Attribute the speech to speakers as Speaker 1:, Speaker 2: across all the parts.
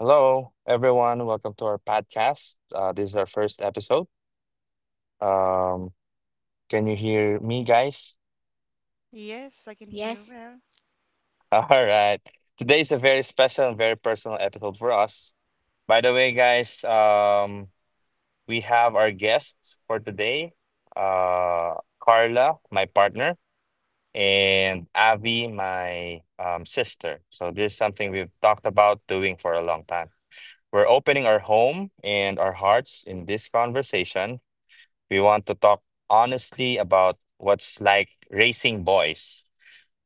Speaker 1: Hello, everyone. Welcome to our podcast. This is our first episode. Um, can you hear me, guys?
Speaker 2: Yes, I can hear you
Speaker 3: Yes.
Speaker 2: well.
Speaker 1: All right. Today is a very special and very personal episode for us. By the way, guys, we have our guests for today. Uh, Carla, my partner, and Avi, my sister. So this is something we've talked about doing for a long time. We're opening our home and our hearts in this conversation. We want to talk honestly about what's like raising boys.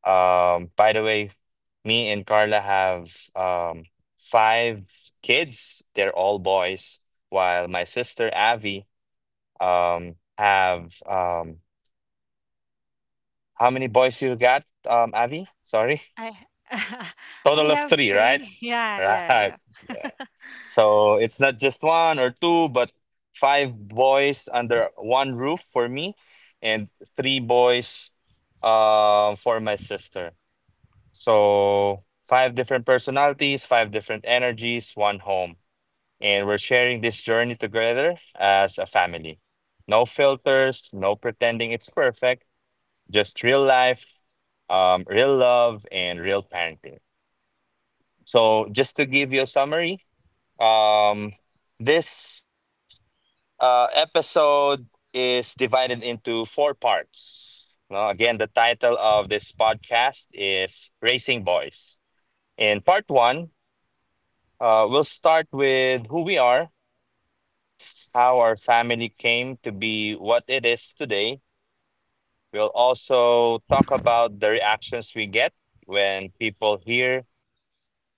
Speaker 1: By the way, me and Carla have um, five kids. They're all boys, while my sister Avi have how many boys you got, Avi? Sorry,
Speaker 2: I I
Speaker 1: total of
Speaker 2: have
Speaker 1: three, right?
Speaker 2: three. Yeah, yeah,
Speaker 1: Right.
Speaker 2: yeah.
Speaker 1: Yeah. So it's not just one or two, but five boys under one roof for me, and three boys for my sister. So five different personalities, five different energies, one home. And we're sharing this journey together as a family. No filters, no pretending it's perfect, just real life, real love, and real parenting. So just to give you a summary, um, this episode is divided into four parts. No, again, the title of this podcast is Racing Boys. In part one, we'll start with who we are, how our family came to be what it is today. We'll also talk about the reactions we get when people hear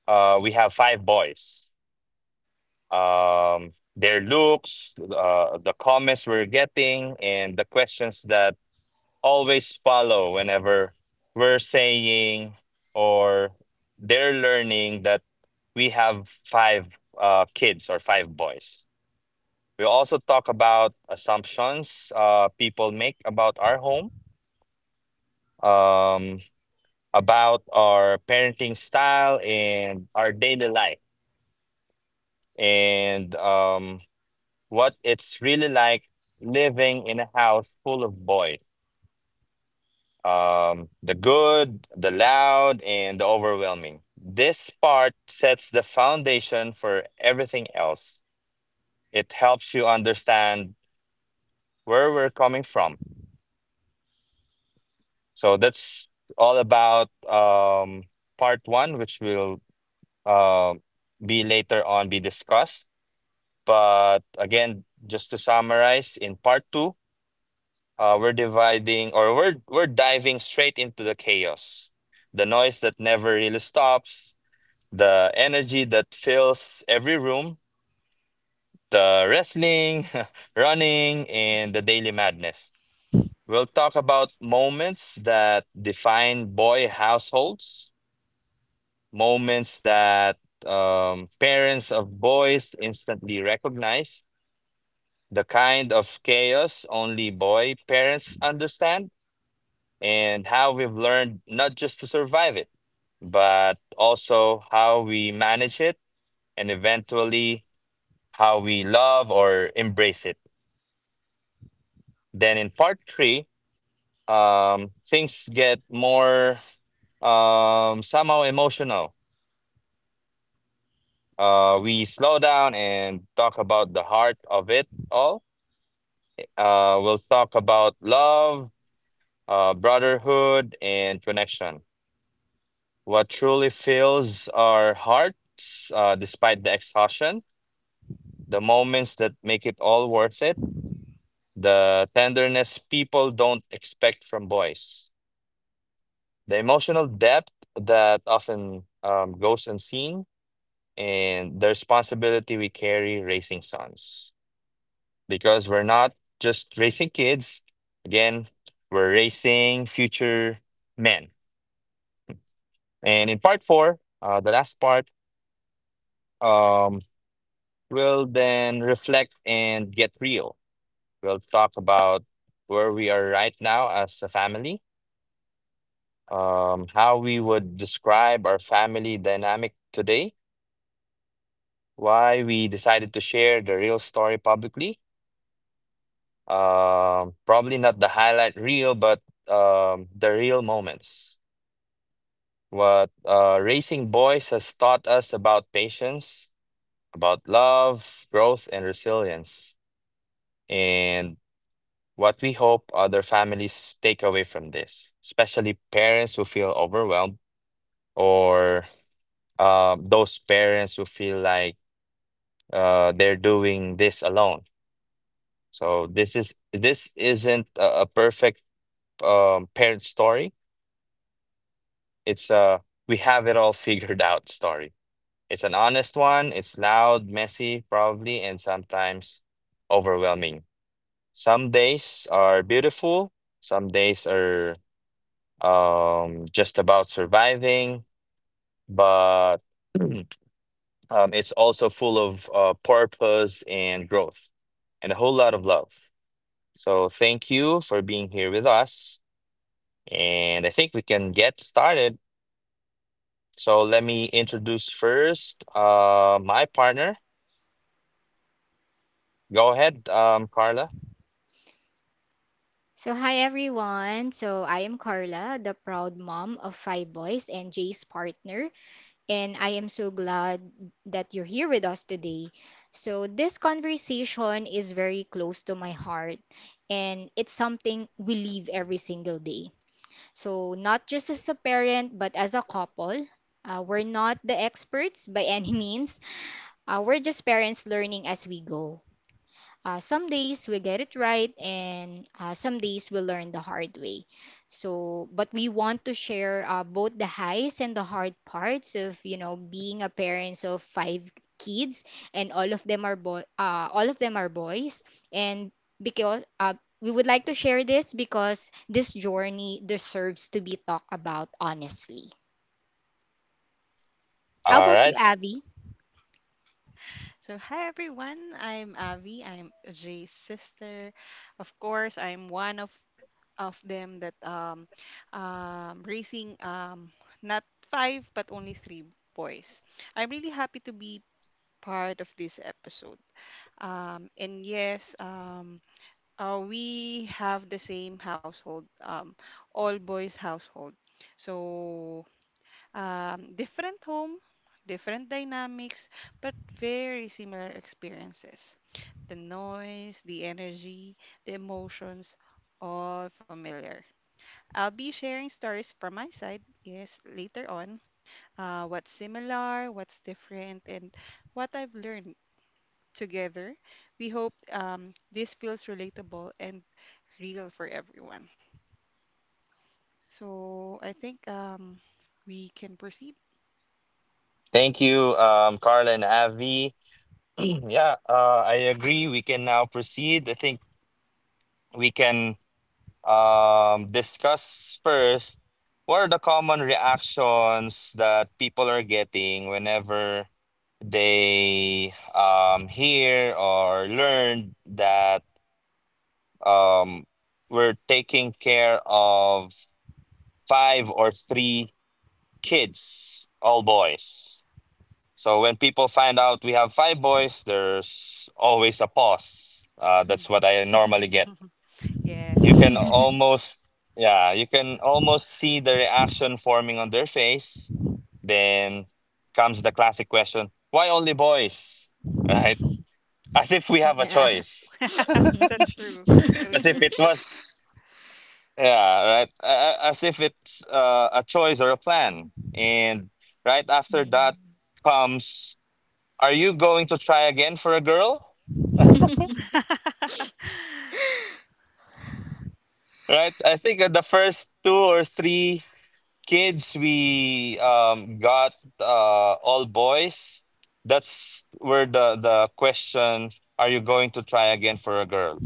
Speaker 1: we have five boys. Their looks, the comments we're getting, and the questions that always follow whenever we're saying or they're learning that we have five kids or five boys. We also talk about assumptions people make about our home, um, about our parenting style and our daily life, and what it's really like living in a house full of boys, the good, the loud, and the overwhelming. This part sets the foundation for everything else. It helps you understand where we're coming from. So that's all about part one, which will uh, be later on be discussed. But again, just to summarize, in part two, we're dividing or we're diving straight into the chaos, the noise that never really stops, the energy that fills every room, the wrestling, running, and the daily madness. We'll talk about moments that define boy households, moments that parents of boys instantly recognize, the kind of chaos only boy parents understand, and how we've learned not just to survive it, but also how we manage it and eventually how we love or embrace it. Then in part three, things get more somehow emotional. We slow down and talk about the heart of it all. We'll talk about love, brotherhood, and connection. What truly fills our hearts, despite the exhaustion, the moments that make it all worth it, the tenderness people don't expect from boys. The emotional depth that often goes unseen, and the responsibility we carry raising sons. Because we're not just raising kids, again, we're raising future men. And in part four, the last part, um, we'll then reflect and get real. We'll talk about where we are right now as a family, how we would describe our family dynamic today, why we decided to share the real story publicly. Probably not the highlight reel, but the real moments. What raising boys has taught us about patience, about love, growth, and resilience, and what we hope other families take away from this, especially parents who feel overwhelmed or those parents who feel like they're doing this alone. This isn't a perfect parent story. It's a we have it all figured out story. It's an honest one. It's loud, messy, probably, and sometimes overwhelming. Some days are beautiful. Some days are just about surviving. But um, it's also full of purpose and growth, and a whole lot of love. So thank you for being here with us. And I think we can get started. So let me introduce first my partner. Go ahead, Carla.
Speaker 3: So, hi everyone. I am Carla, the proud mom of five boys and Jay's partner. And I am so glad that you're here with us today. So, this conversation is very close to my heart, and it's something we live every single day. So, not just as a parent, but as a couple. We're not the experts by any means. We're just parents learning as we go. Some days we get it right, and some days we learn the hard way. So, but we want to share both the highs and the hard parts of, you know, being a parents of five kids, and all of them are all of them are boys, and because we would like to share this because this journey deserves to be talked about honestly. How
Speaker 1: All
Speaker 3: about you,
Speaker 1: right.
Speaker 3: Abby?
Speaker 2: So hi everyone. I'm Avi. I'm Jay's sister. Of course, I'm one of them that raising not five but only three boys. I'm really happy to be part of this episode. And yes, we have the same household, all boys household. So different home, different dynamics, but very similar experiences. The noise, the energy, the emotions, all familiar. I'll be sharing stories from my side, yes, later on. What's similar, what's different, and what I've learned together. We hope this feels relatable and real for everyone. So I think we can proceed.
Speaker 1: Thank you, Carla and Avi. Yeah, I agree. We can now proceed. I think we can discuss first what are the common reactions that people are getting whenever they hear or learn that, um, we're taking care of five or three kids, all boys. So when people find out we have five boys, there's always a pause. That's what I normally get. You
Speaker 2: Yes,
Speaker 1: can
Speaker 2: yes.
Speaker 1: almost, yeah, you can almost see the reaction forming on their face. Then comes the classic question, why only boys? Right? As if we have a
Speaker 3: Yeah.
Speaker 1: choice.
Speaker 2: So true. So
Speaker 1: As if it
Speaker 2: true.
Speaker 1: was Yeah, right. As if it's a choice or a plan. And right after that comes, are you going to try again for a girl? Right? I think the first two or three kids we got all boys. That's where the question, are you going to try again for a girl?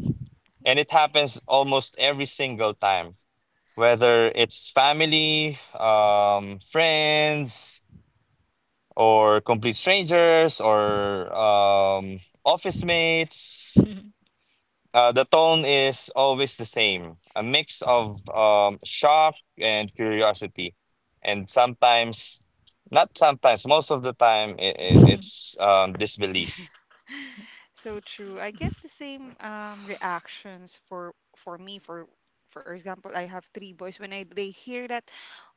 Speaker 1: And it happens almost every single time, whether it's family, friends or complete strangers or office mates. The tone is always the same, a mix of shock and curiosity. And sometimes, not sometimes, most of the time, I it's disbelief.
Speaker 2: So true. I get the same reactions for me for example. I have three boys, when I they hear that,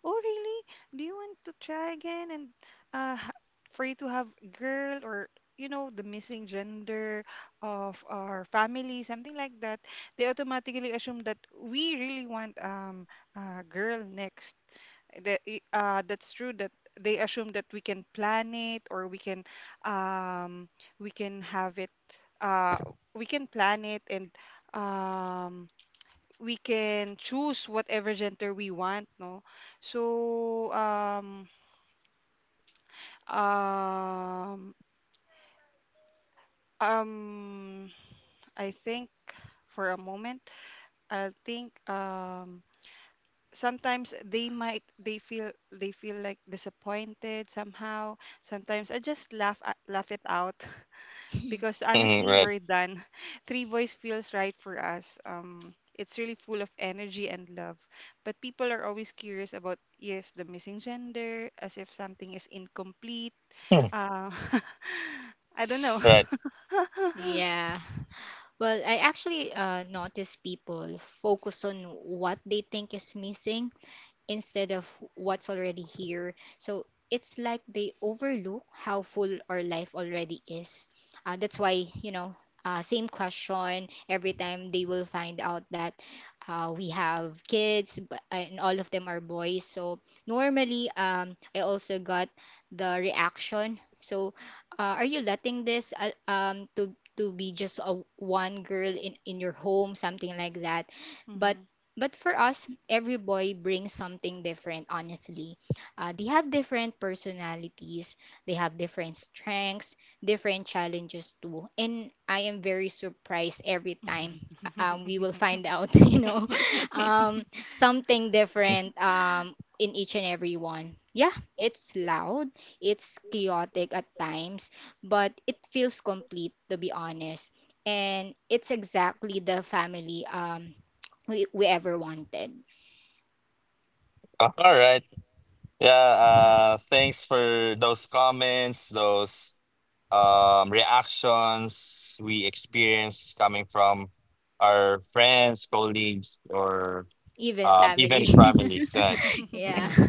Speaker 2: "Oh, really? Do you want to try again and uh ha- for you to have girl, or the missing gender of our family," something like that. They automatically assume that we really want a girl next. That's true that they assume that we can plan it, or um, we can have it, uh, we can plan it, and um, we can choose whatever gender we want, no. So um, um, I think for a moment I'll think, sometimes they feel like disappointed somehow. Sometimes I just laugh it out because
Speaker 1: Mhm,
Speaker 2: honestly
Speaker 1: right.
Speaker 2: we're done. Three boys feels right for us. It's really full of energy and love, but people are always curious about, yes, the missing gender, as if something is incomplete.
Speaker 1: Hmm.
Speaker 2: uh, I don't know.
Speaker 1: Right.
Speaker 3: Yeah. Well, I actually notice people focus on what they think is missing instead of what's already here. So it's like they overlook how full our life already is. That's why, you know, same question every time they will find out that we have kids, but, and all of them are boys. So normally, I also got the reaction. So, are you letting this to be just a one girl in your home, something like that? But
Speaker 2: Mhm.
Speaker 3: for us, every boy brings something different, honestly. They have different personalities, they have different strengths, different challenges too. And I am very surprised every time we will find out, you know, something different in each and every one. Yeah, it's loud, it's chaotic at times, but it feels complete, to be honest. And it's exactly the family. We, ever wanted,
Speaker 1: All right. Yeah. Thanks for those comments, those reactions we experience coming from our friends, colleagues, or
Speaker 3: even family.
Speaker 1: even families. Right?
Speaker 3: Yeah.
Speaker 1: Mm.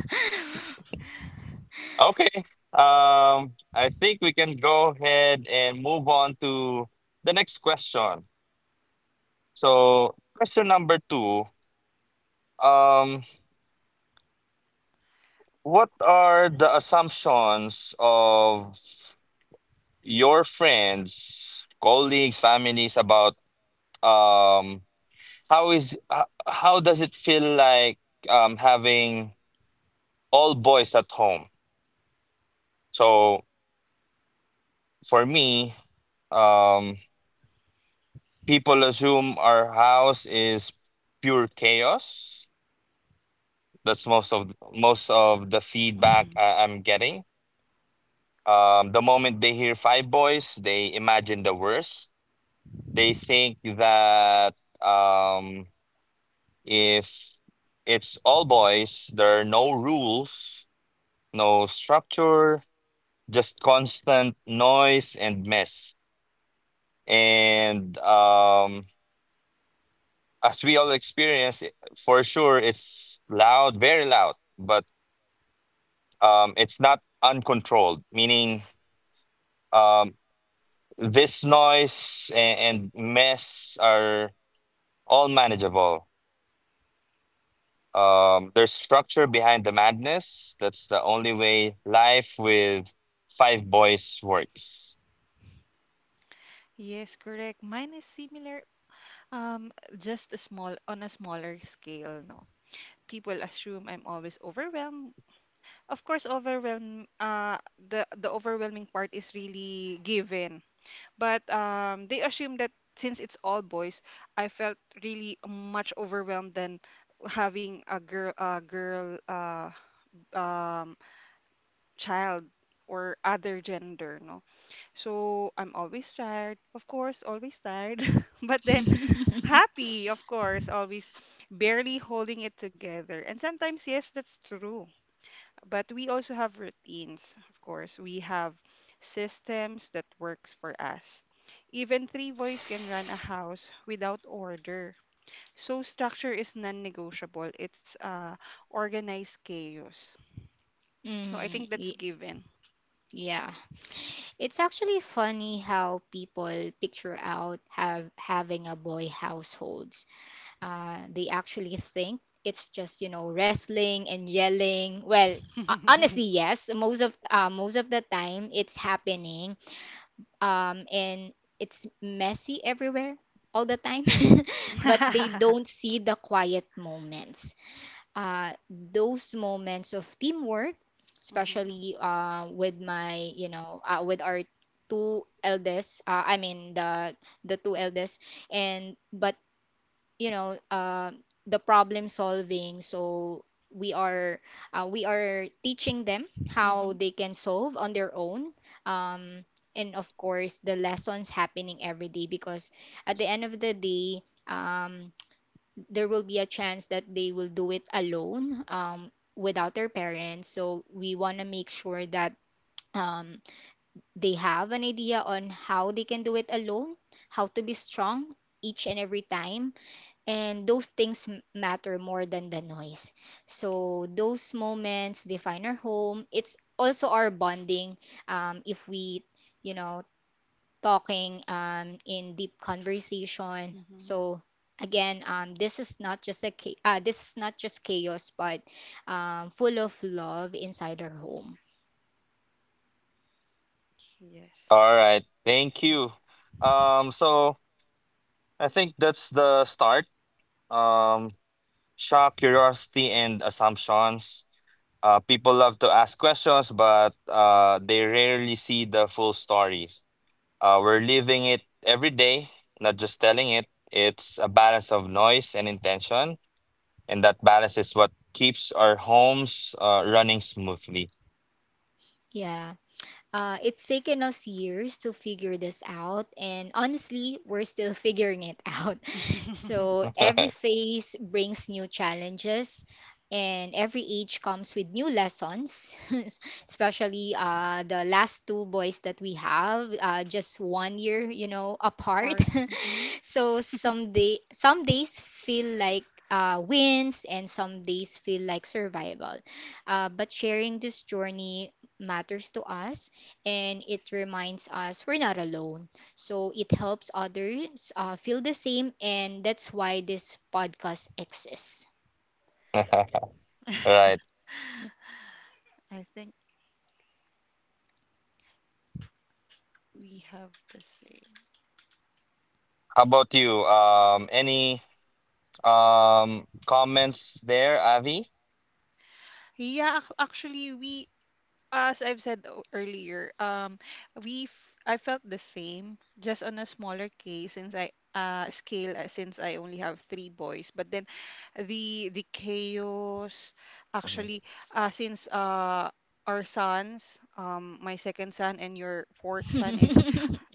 Speaker 1: Okay. I think we can go ahead and move on to the next question. So, question number two. Um, what are the assumptions of your friends, colleagues, families about, um how is how does it feel like having all boys at home? So for me, um, people assume our house is pure chaos. That's most of the feedback I'm getting. The moment they hear five boys, they imagine the worst. They think that um, if it's all boys, there are no rules, no structure, just constant noise and mess. And as we all experience, it- for sure, it's loud, very loud, but it's not uncontrolled, meaning um, this noise and, mess are all manageable. There's structure behind the madness. That's the only way life with five boys works.
Speaker 2: Yes, correct. Mine is similar, um, just a small on a smaller scale, no. People assume I'm always overwhelmed. Of course, overwhelm, the overwhelming part is really given. But they assume that since it's all boys, I felt really much overwhelmed than having a girl, um, child or other gender, no. So I'm always tired, of course, always tired, but then happy, of course, always barely holding it together. And sometimes, yes, that's true. But we also have routines, of course. We have systems that works for us. Even three boys can run a house without order. So structure is non-negotiable. It's organized chaos. So I think
Speaker 3: mm,
Speaker 2: that's
Speaker 3: y-
Speaker 2: given.
Speaker 3: yeah. It's actually funny how people picture out have having a boy households. They actually think it's just, you know, wrestling and yelling. Well, honestly, yes. Most of the time, it's happening and it's messy everywhere all the time, but they
Speaker 2: Mhm,
Speaker 3: don't see the quiet moments. Those moments of teamwork, especially with my, you know, with our two eldest. I mean the two eldest, and but you know the problem solving so we are we are teaching them how
Speaker 2: mhm,
Speaker 3: they can solve on their own, um, and of course the lessons happening every day because at the end of the day um, there will be a chance that they will do it alone without their parents, so we want to make sure that um, they have an idea on how they can do it alone, how to be strong each and every time, and those things matter more than the noise. So those moments define our home. It's also our bonding. If we, you know, talking in deep conversation.
Speaker 2: mhm.
Speaker 3: So again, this is not just a this is not just chaos, but full of love inside our home.
Speaker 2: Yes.
Speaker 1: All right. Thank you. Um, so. I think that's the start. Um, shock, curiosity, and assumptions. People love to ask questions, but they rarely see the full story. We're living it every day, not just telling it. It's a balance of noise and intention, and that balance is what keeps our homes running smoothly.
Speaker 3: Yeah. It's taken us years to figure this out, and honestly, we're still figuring it out. So every phase brings new challenges, and every age comes with new lessons. Especially the last two boys that we have, just one year, you know, apart.
Speaker 2: Part. Mhm.
Speaker 3: So some days feel like wins, and some days feel like survival. But sharing this journey matters to us, and it reminds us we're not alone. So it helps others feel the same, and that's why this podcast exists.
Speaker 1: Right.
Speaker 2: I think we have the same.
Speaker 1: How about you? Any? Comments there, Avi?
Speaker 2: Yeah, actually, we as I've said earlier. I felt the same, just on a smaller case since I only have three boys. But then the chaos
Speaker 1: Mhm.
Speaker 2: actually, since, our sons, my second son and your fourth son is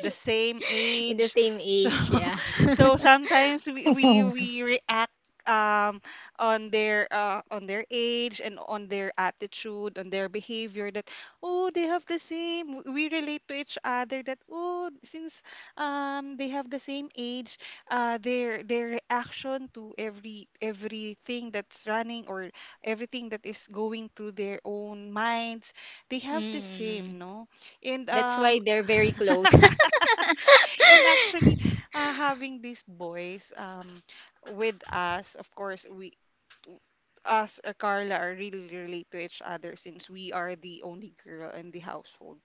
Speaker 2: the same
Speaker 3: In the
Speaker 2: age.
Speaker 3: same
Speaker 2: So
Speaker 3: age, yeah.
Speaker 2: so sometimes we react, um on their, on their age, and on their attitude, on their behavior. That, oh, they have the same. We relate to each other, that, oh, since they have the same age, their reaction to everything that's running, or everything that is going through their own minds, they have the
Speaker 3: Mm,
Speaker 2: same, no? And
Speaker 3: that's why they're very close.
Speaker 2: And actually, having these boys, with us, of course, t- us or Carla are really relate to each other, since we are the only girl in the household.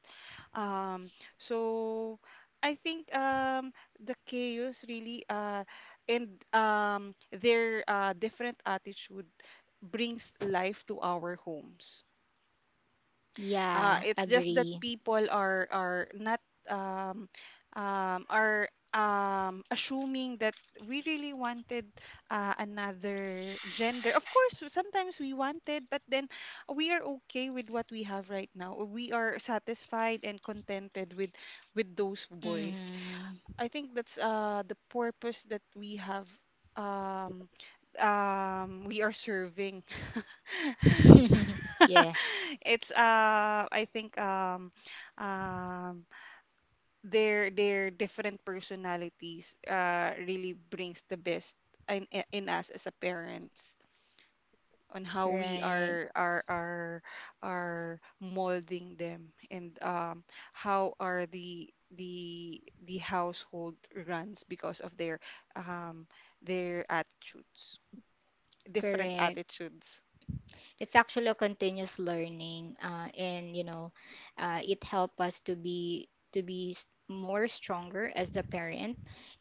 Speaker 2: Um, so I think, the chaos really, and, their, different attitude brings life to our homes.
Speaker 3: Yeah,
Speaker 2: It's just that
Speaker 3: agree.
Speaker 2: people are not, um, are, assuming that we really wanted, another gender. Of course, sometimes we wanted, but then we are okay with what we have right now. We are satisfied and contented with those boys.
Speaker 3: Mm-hmm.
Speaker 2: I think that's, the purpose that um, we are serving.
Speaker 3: Yeah,
Speaker 2: It's, I think, um their different personalities, really brings the best in us as a parents, on how we
Speaker 3: right.
Speaker 2: are molding them. And how are the the household runs because of um their attitudes different
Speaker 3: Correct.
Speaker 2: attitudes.
Speaker 3: It's actually a continuous learning, and you know, it help us to be more stronger as a parent,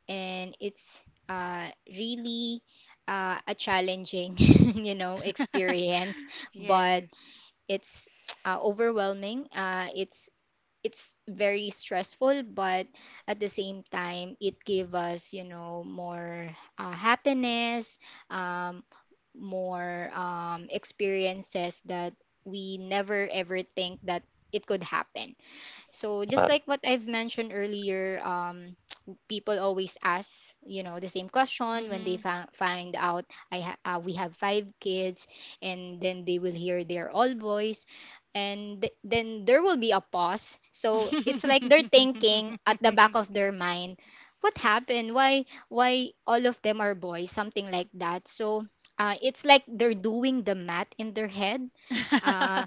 Speaker 3: and it's really a challenging, you know, experience, but
Speaker 2: Yes.
Speaker 3: it's overwhelming. It's very stressful, but at the same time, it gave us, you know, more happiness, um, more experiences that we never ever think that it could happen. So just
Speaker 1: Uh,
Speaker 3: like what I've mentioned earlier, people always ask, you know, the same question when they find out we have five kids, and then they will hear they're all boys, and then there will be a pause. So it's like they're thinking at the back of their mind, what happened? Why all of them are boys? Something like that. So it's like they're doing the math in their head. Uh,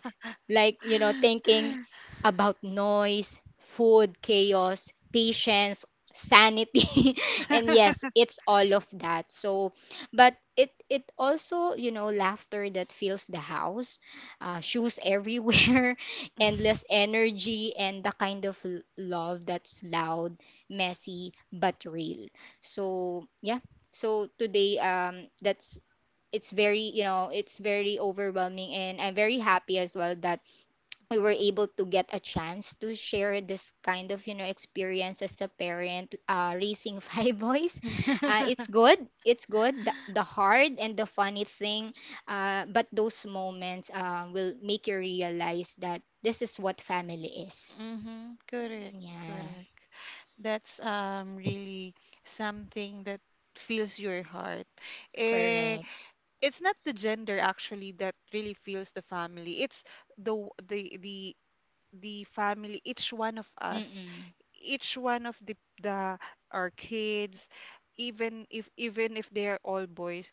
Speaker 3: like you know thinking about noise, food, chaos, patience, sanity, and yes, it's all of that. So, but it also you know laughter that fills the house, shoes everywhere, endless energy, and the kind of love that's loud, messy, but real. So yeah, so today that's. It's very, you know, it's very overwhelming, and I'm very happy as well that we were able to get a chance to share this kind of you know experience as a parent raising five boys. It's good, it's good, the hard and the funny thing, but those moments will make you realize that this is what family is.
Speaker 2: Mm-hmm. Correct,
Speaker 3: Yeah,
Speaker 2: correct. That's, really something that fills your heart. Eh,
Speaker 3: correct.
Speaker 2: it's not the gender, actually, that really fills the family. It's the w- the family, each one of us,
Speaker 3: Mm-mm.
Speaker 2: each one of the our kids, even if they are all boys.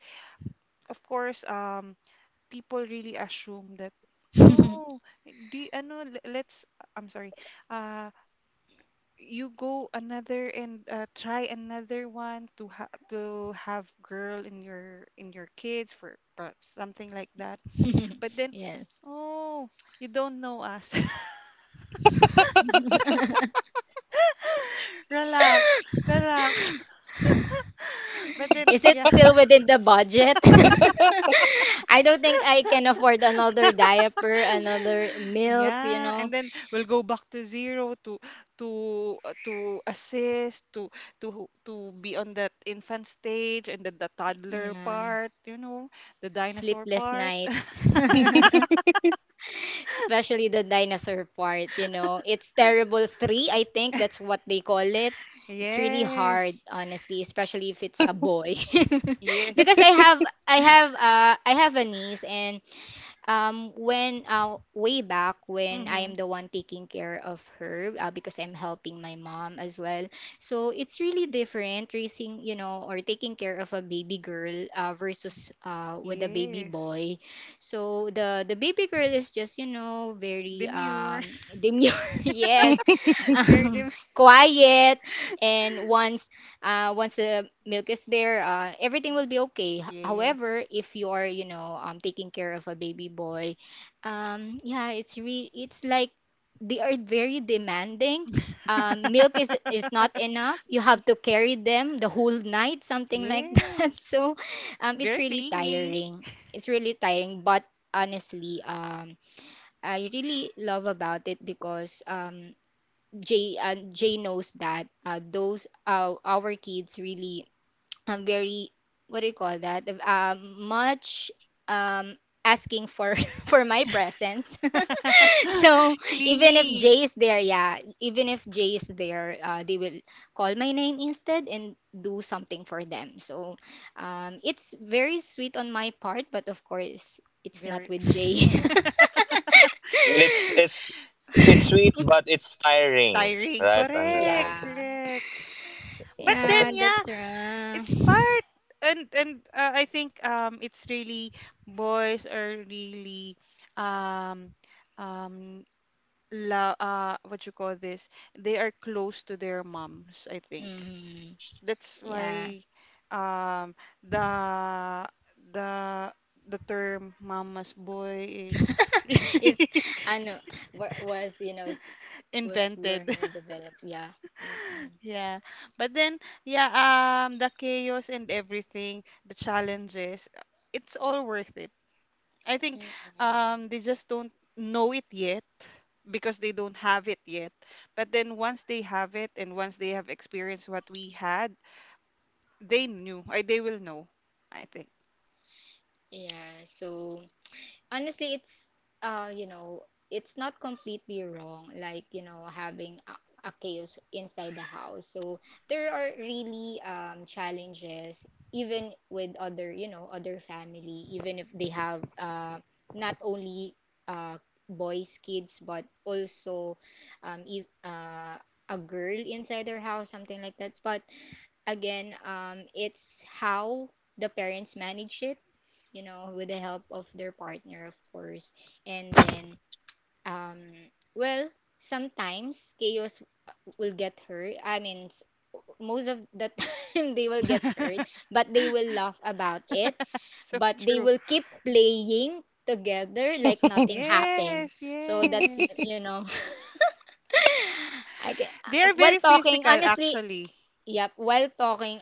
Speaker 2: Of course, people really assume that, oh, do you, ano, let's, I'm sorry, uh, you go another and, try another one to have girl in your kids for, something like that. But then,
Speaker 3: Yes,
Speaker 2: oh, you don't know us. Relax, relax. But then,
Speaker 3: is it
Speaker 2: yeah.
Speaker 3: still within the budget? I don't think I can afford another diaper, another milk, you
Speaker 2: Yeah,
Speaker 3: know.
Speaker 2: and then we'll go back to zero, to to assist to be on that infant stage, and then the toddler
Speaker 3: Yeah,
Speaker 2: part, the dinosaur
Speaker 3: sleepless
Speaker 2: part.
Speaker 3: nights. Especially the dinosaur part, you know. It's terrible three, I think that's what they call it. It's really hard,
Speaker 2: Yes.
Speaker 3: honestly, especially if it's a boy.
Speaker 2: Yes.
Speaker 3: Because I have I have a niece, and when way back when I
Speaker 2: Mm-hmm.
Speaker 3: am the one taking care of her because I'm helping my mom as well. So it's really different raising, you know, or taking care of a baby girl versus with a baby
Speaker 2: Yes.
Speaker 3: boy. So the baby girl is just, you know, very
Speaker 2: Demure.
Speaker 3: demure. Yes.
Speaker 2: Very
Speaker 3: Um
Speaker 2: demure.
Speaker 3: Quiet and wants once the milk is there, everything will be okay. H-
Speaker 2: Yes.
Speaker 3: However, if you are, you know, taking care of a baby boy, yeah, it's like they are very demanding. Milk is not enough. You have to carry them the whole night, something like that.
Speaker 2: Yes.
Speaker 3: So, it's
Speaker 2: Very
Speaker 3: really
Speaker 2: clingy.
Speaker 3: tiring. It's really tiring, but honestly, I really love about it because Jay Jay knows that those our kids really very what do you call that much um asking for for my presence so even if
Speaker 2: Clingy.
Speaker 3: Jay is there, yeah, even if Jay is there, they will call my name instead and do something for them, so it's very sweet on my part, but of course it's not
Speaker 2: Very
Speaker 3: with Jay.
Speaker 1: and it's it's sweet, but it's tiring,
Speaker 2: tiring.
Speaker 1: right? On your
Speaker 2: Correct,
Speaker 1: end.
Speaker 3: Yeah,
Speaker 2: correct. But then,
Speaker 3: yeah,
Speaker 2: yeah,
Speaker 3: that's
Speaker 2: it's
Speaker 3: right.
Speaker 2: part. And, I think, it's really boys are really, um um la what you call this? They are close to their moms, I think.
Speaker 3: Hmm.
Speaker 2: That's
Speaker 3: Yeah.
Speaker 2: why, um the the the term mama's boy is
Speaker 3: Is I know, was you know was learn
Speaker 2: invented.
Speaker 3: and develop, yeah. Mm-mm.
Speaker 2: Yeah. But then, yeah, the chaos and everything, the challenges, it's all worth it. I think,
Speaker 3: Mm-mm.
Speaker 2: they just don't know it yet, because they don't have it yet. But then once they have it, and once they have experienced what we had, they will know, I think.
Speaker 3: Yeah, so honestly it's you know it's not completely wrong, like you know, having a chaos inside the house, so there are really challenges, even with other, you know, other family, even if they have not only uh boys kids, but also if a girl inside their house, something like that, but again, it's how the parents manage it, you know, with the help of their partner, of course. And then, um, well, sometimes chaos will get hurt. Most of the time they will get hurt, but they will laugh about it.
Speaker 2: So
Speaker 3: But they
Speaker 2: true.
Speaker 3: will keep playing together like nothing happened.
Speaker 2: Yes,
Speaker 3: So that's,
Speaker 2: yes.
Speaker 3: you know, I can,
Speaker 2: They are
Speaker 3: while
Speaker 2: very
Speaker 3: talking,
Speaker 2: physical,
Speaker 3: honestly,
Speaker 2: actually.
Speaker 3: yep, while talking,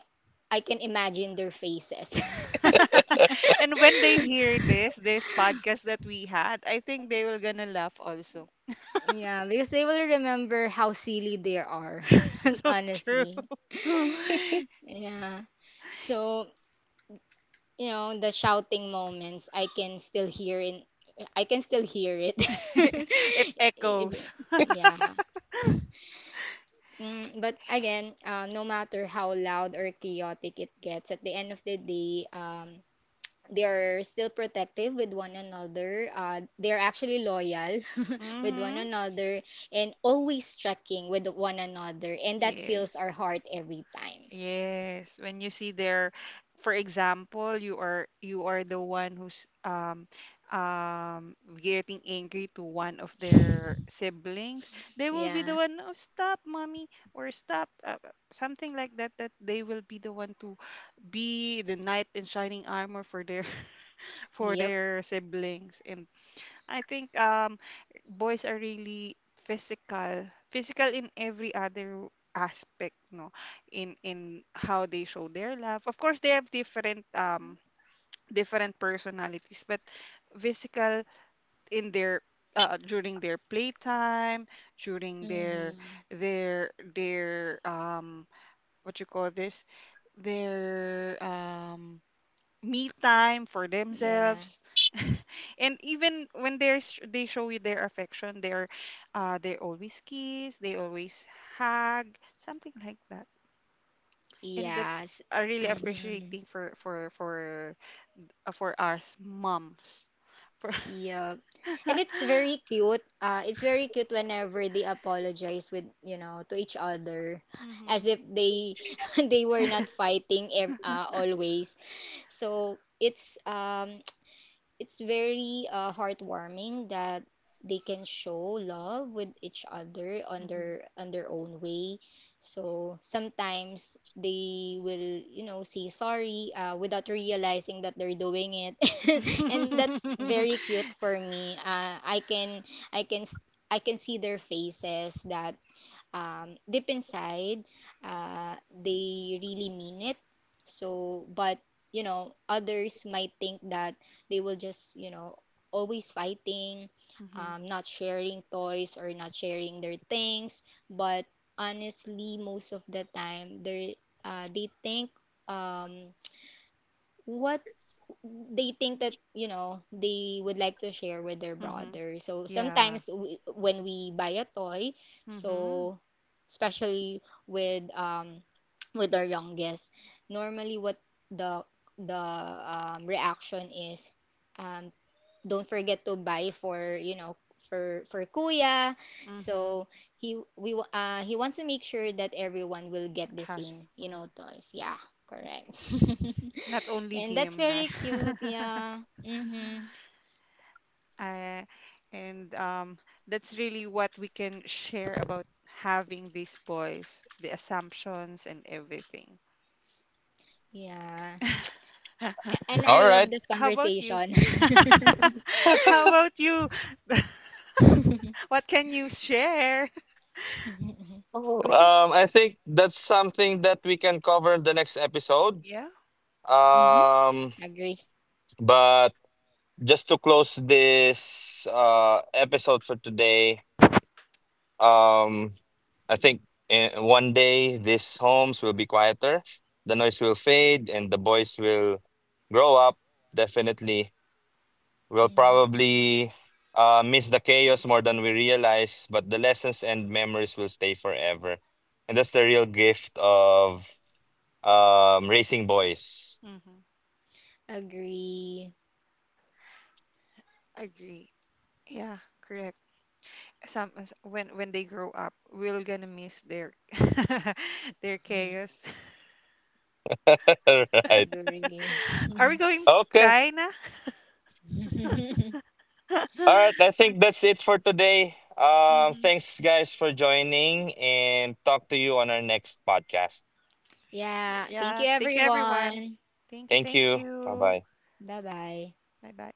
Speaker 3: I can imagine their faces.
Speaker 2: And when they hear this, podcast that we had, I think they will gonna laugh also.
Speaker 3: Yeah, because they will remember how silly they are,
Speaker 2: So true.
Speaker 3: honestly. Yeah. So, you know, the shouting moments, I can still hear it.
Speaker 2: It
Speaker 3: If-
Speaker 2: echoes.
Speaker 3: yeah. Mm, but again, no matter how loud or chaotic it gets, at the end of the day, they are still protective with one another. They're actually loyal with one
Speaker 2: Mm-hmm.
Speaker 3: another and always checking with one another. And that fills
Speaker 2: Yes.
Speaker 3: our heart every time.
Speaker 2: Yes. When you see their, for example, you are the one who's, getting angry to one of their siblings, they will be the
Speaker 3: Yeah.
Speaker 2: one, "Oh stop, mommy," or "Stop, something like that. That they will be the one to be the knight in shining armor for their for
Speaker 3: Yep.
Speaker 2: their siblings. And I think, boys are really physical, physical in every other aspect, no, in how they show their love. Of course, they have different personalities, but physical in their during their playtime, during their
Speaker 3: Mm-hmm.
Speaker 2: their their what you call this, their me time for
Speaker 3: Yeah.
Speaker 2: themselves, and even when they show you their affection. They always kiss, they always hug, something like that. And that's
Speaker 3: Yes.
Speaker 2: a really
Speaker 3: Mm-hmm.
Speaker 2: appreciating for us moms. For
Speaker 3: Yep. And it's very cute. It's very cute whenever they apologize with, you know, to each other as
Speaker 2: Hmm,
Speaker 3: if they they were not fighting always. So it's very heartwarming that they can show love with each other on
Speaker 2: hmm,
Speaker 3: their own way, so sometimes they will, you know, say sorry without realizing that they're doing it, and that's very cute for me. I can i can s- I can see their faces that deep inside, they really mean it. So, but you know, others might think that they will just, you know, always fighting,
Speaker 2: hmm,
Speaker 3: not sharing toys or not sharing their things. But honestly, most of the time, they think, um, what they think that you know they would like to share with their
Speaker 2: hmm.
Speaker 3: brother, so
Speaker 2: Yeah,
Speaker 3: sometimes when we buy a toy,
Speaker 2: hmm, hmm,
Speaker 3: so especially with with our youngest, normally what the the um, reaction is um don't forget to buy for, you know, for kuya. So he wants to make sure that everyone will get the
Speaker 2: has,
Speaker 3: same, you
Speaker 2: mm.
Speaker 3: know, toys. Yeah, correct.
Speaker 2: Not only
Speaker 3: And that's
Speaker 2: him, na.
Speaker 3: very cute. Yeah. Mm-hmm.
Speaker 2: Uh, and, that's really what we can share about having these boys, the assumptions and everything.
Speaker 3: Yeah. And
Speaker 1: All
Speaker 3: I love
Speaker 1: right.
Speaker 3: this
Speaker 2: How about you?
Speaker 3: conversation.
Speaker 2: How about you? What can you share?
Speaker 1: Oh,
Speaker 2: We can,
Speaker 1: I think that's something that we can cover in the next episode.
Speaker 2: yeah.
Speaker 3: Mm-hmm.
Speaker 1: Um,
Speaker 3: Agree.
Speaker 1: but. Just to close this episode for today, um I think in one day these homes will be quieter, the noise will fade and the boys will grow up. Definitely we'll
Speaker 3: Mhm.
Speaker 1: probably miss the chaos more than we realize, but the lessons and memories will stay forever, and that's the real gift of raising boys.
Speaker 2: Mm-hmm.
Speaker 3: Agree.
Speaker 2: Agree. Yeah, correct. Some as- when they grow up, we're gonna miss their their
Speaker 3: Mhm.
Speaker 2: chaos.
Speaker 1: Right.
Speaker 3: Agree.
Speaker 2: Are we going to
Speaker 1: Okay.
Speaker 2: cry now?
Speaker 1: All right, I think that's it for today.
Speaker 2: Hmm.
Speaker 1: Thanks guys for joining and talk to you on our next podcast.
Speaker 2: Sure.
Speaker 3: Yeah. Thank you,
Speaker 2: Yeah. Thank you, everyone.
Speaker 3: everyone.
Speaker 2: Thank you.
Speaker 1: Thank
Speaker 2: Thank
Speaker 1: you. Bye
Speaker 2: you.
Speaker 1: bye.
Speaker 3: Bye bye.
Speaker 2: Bye bye.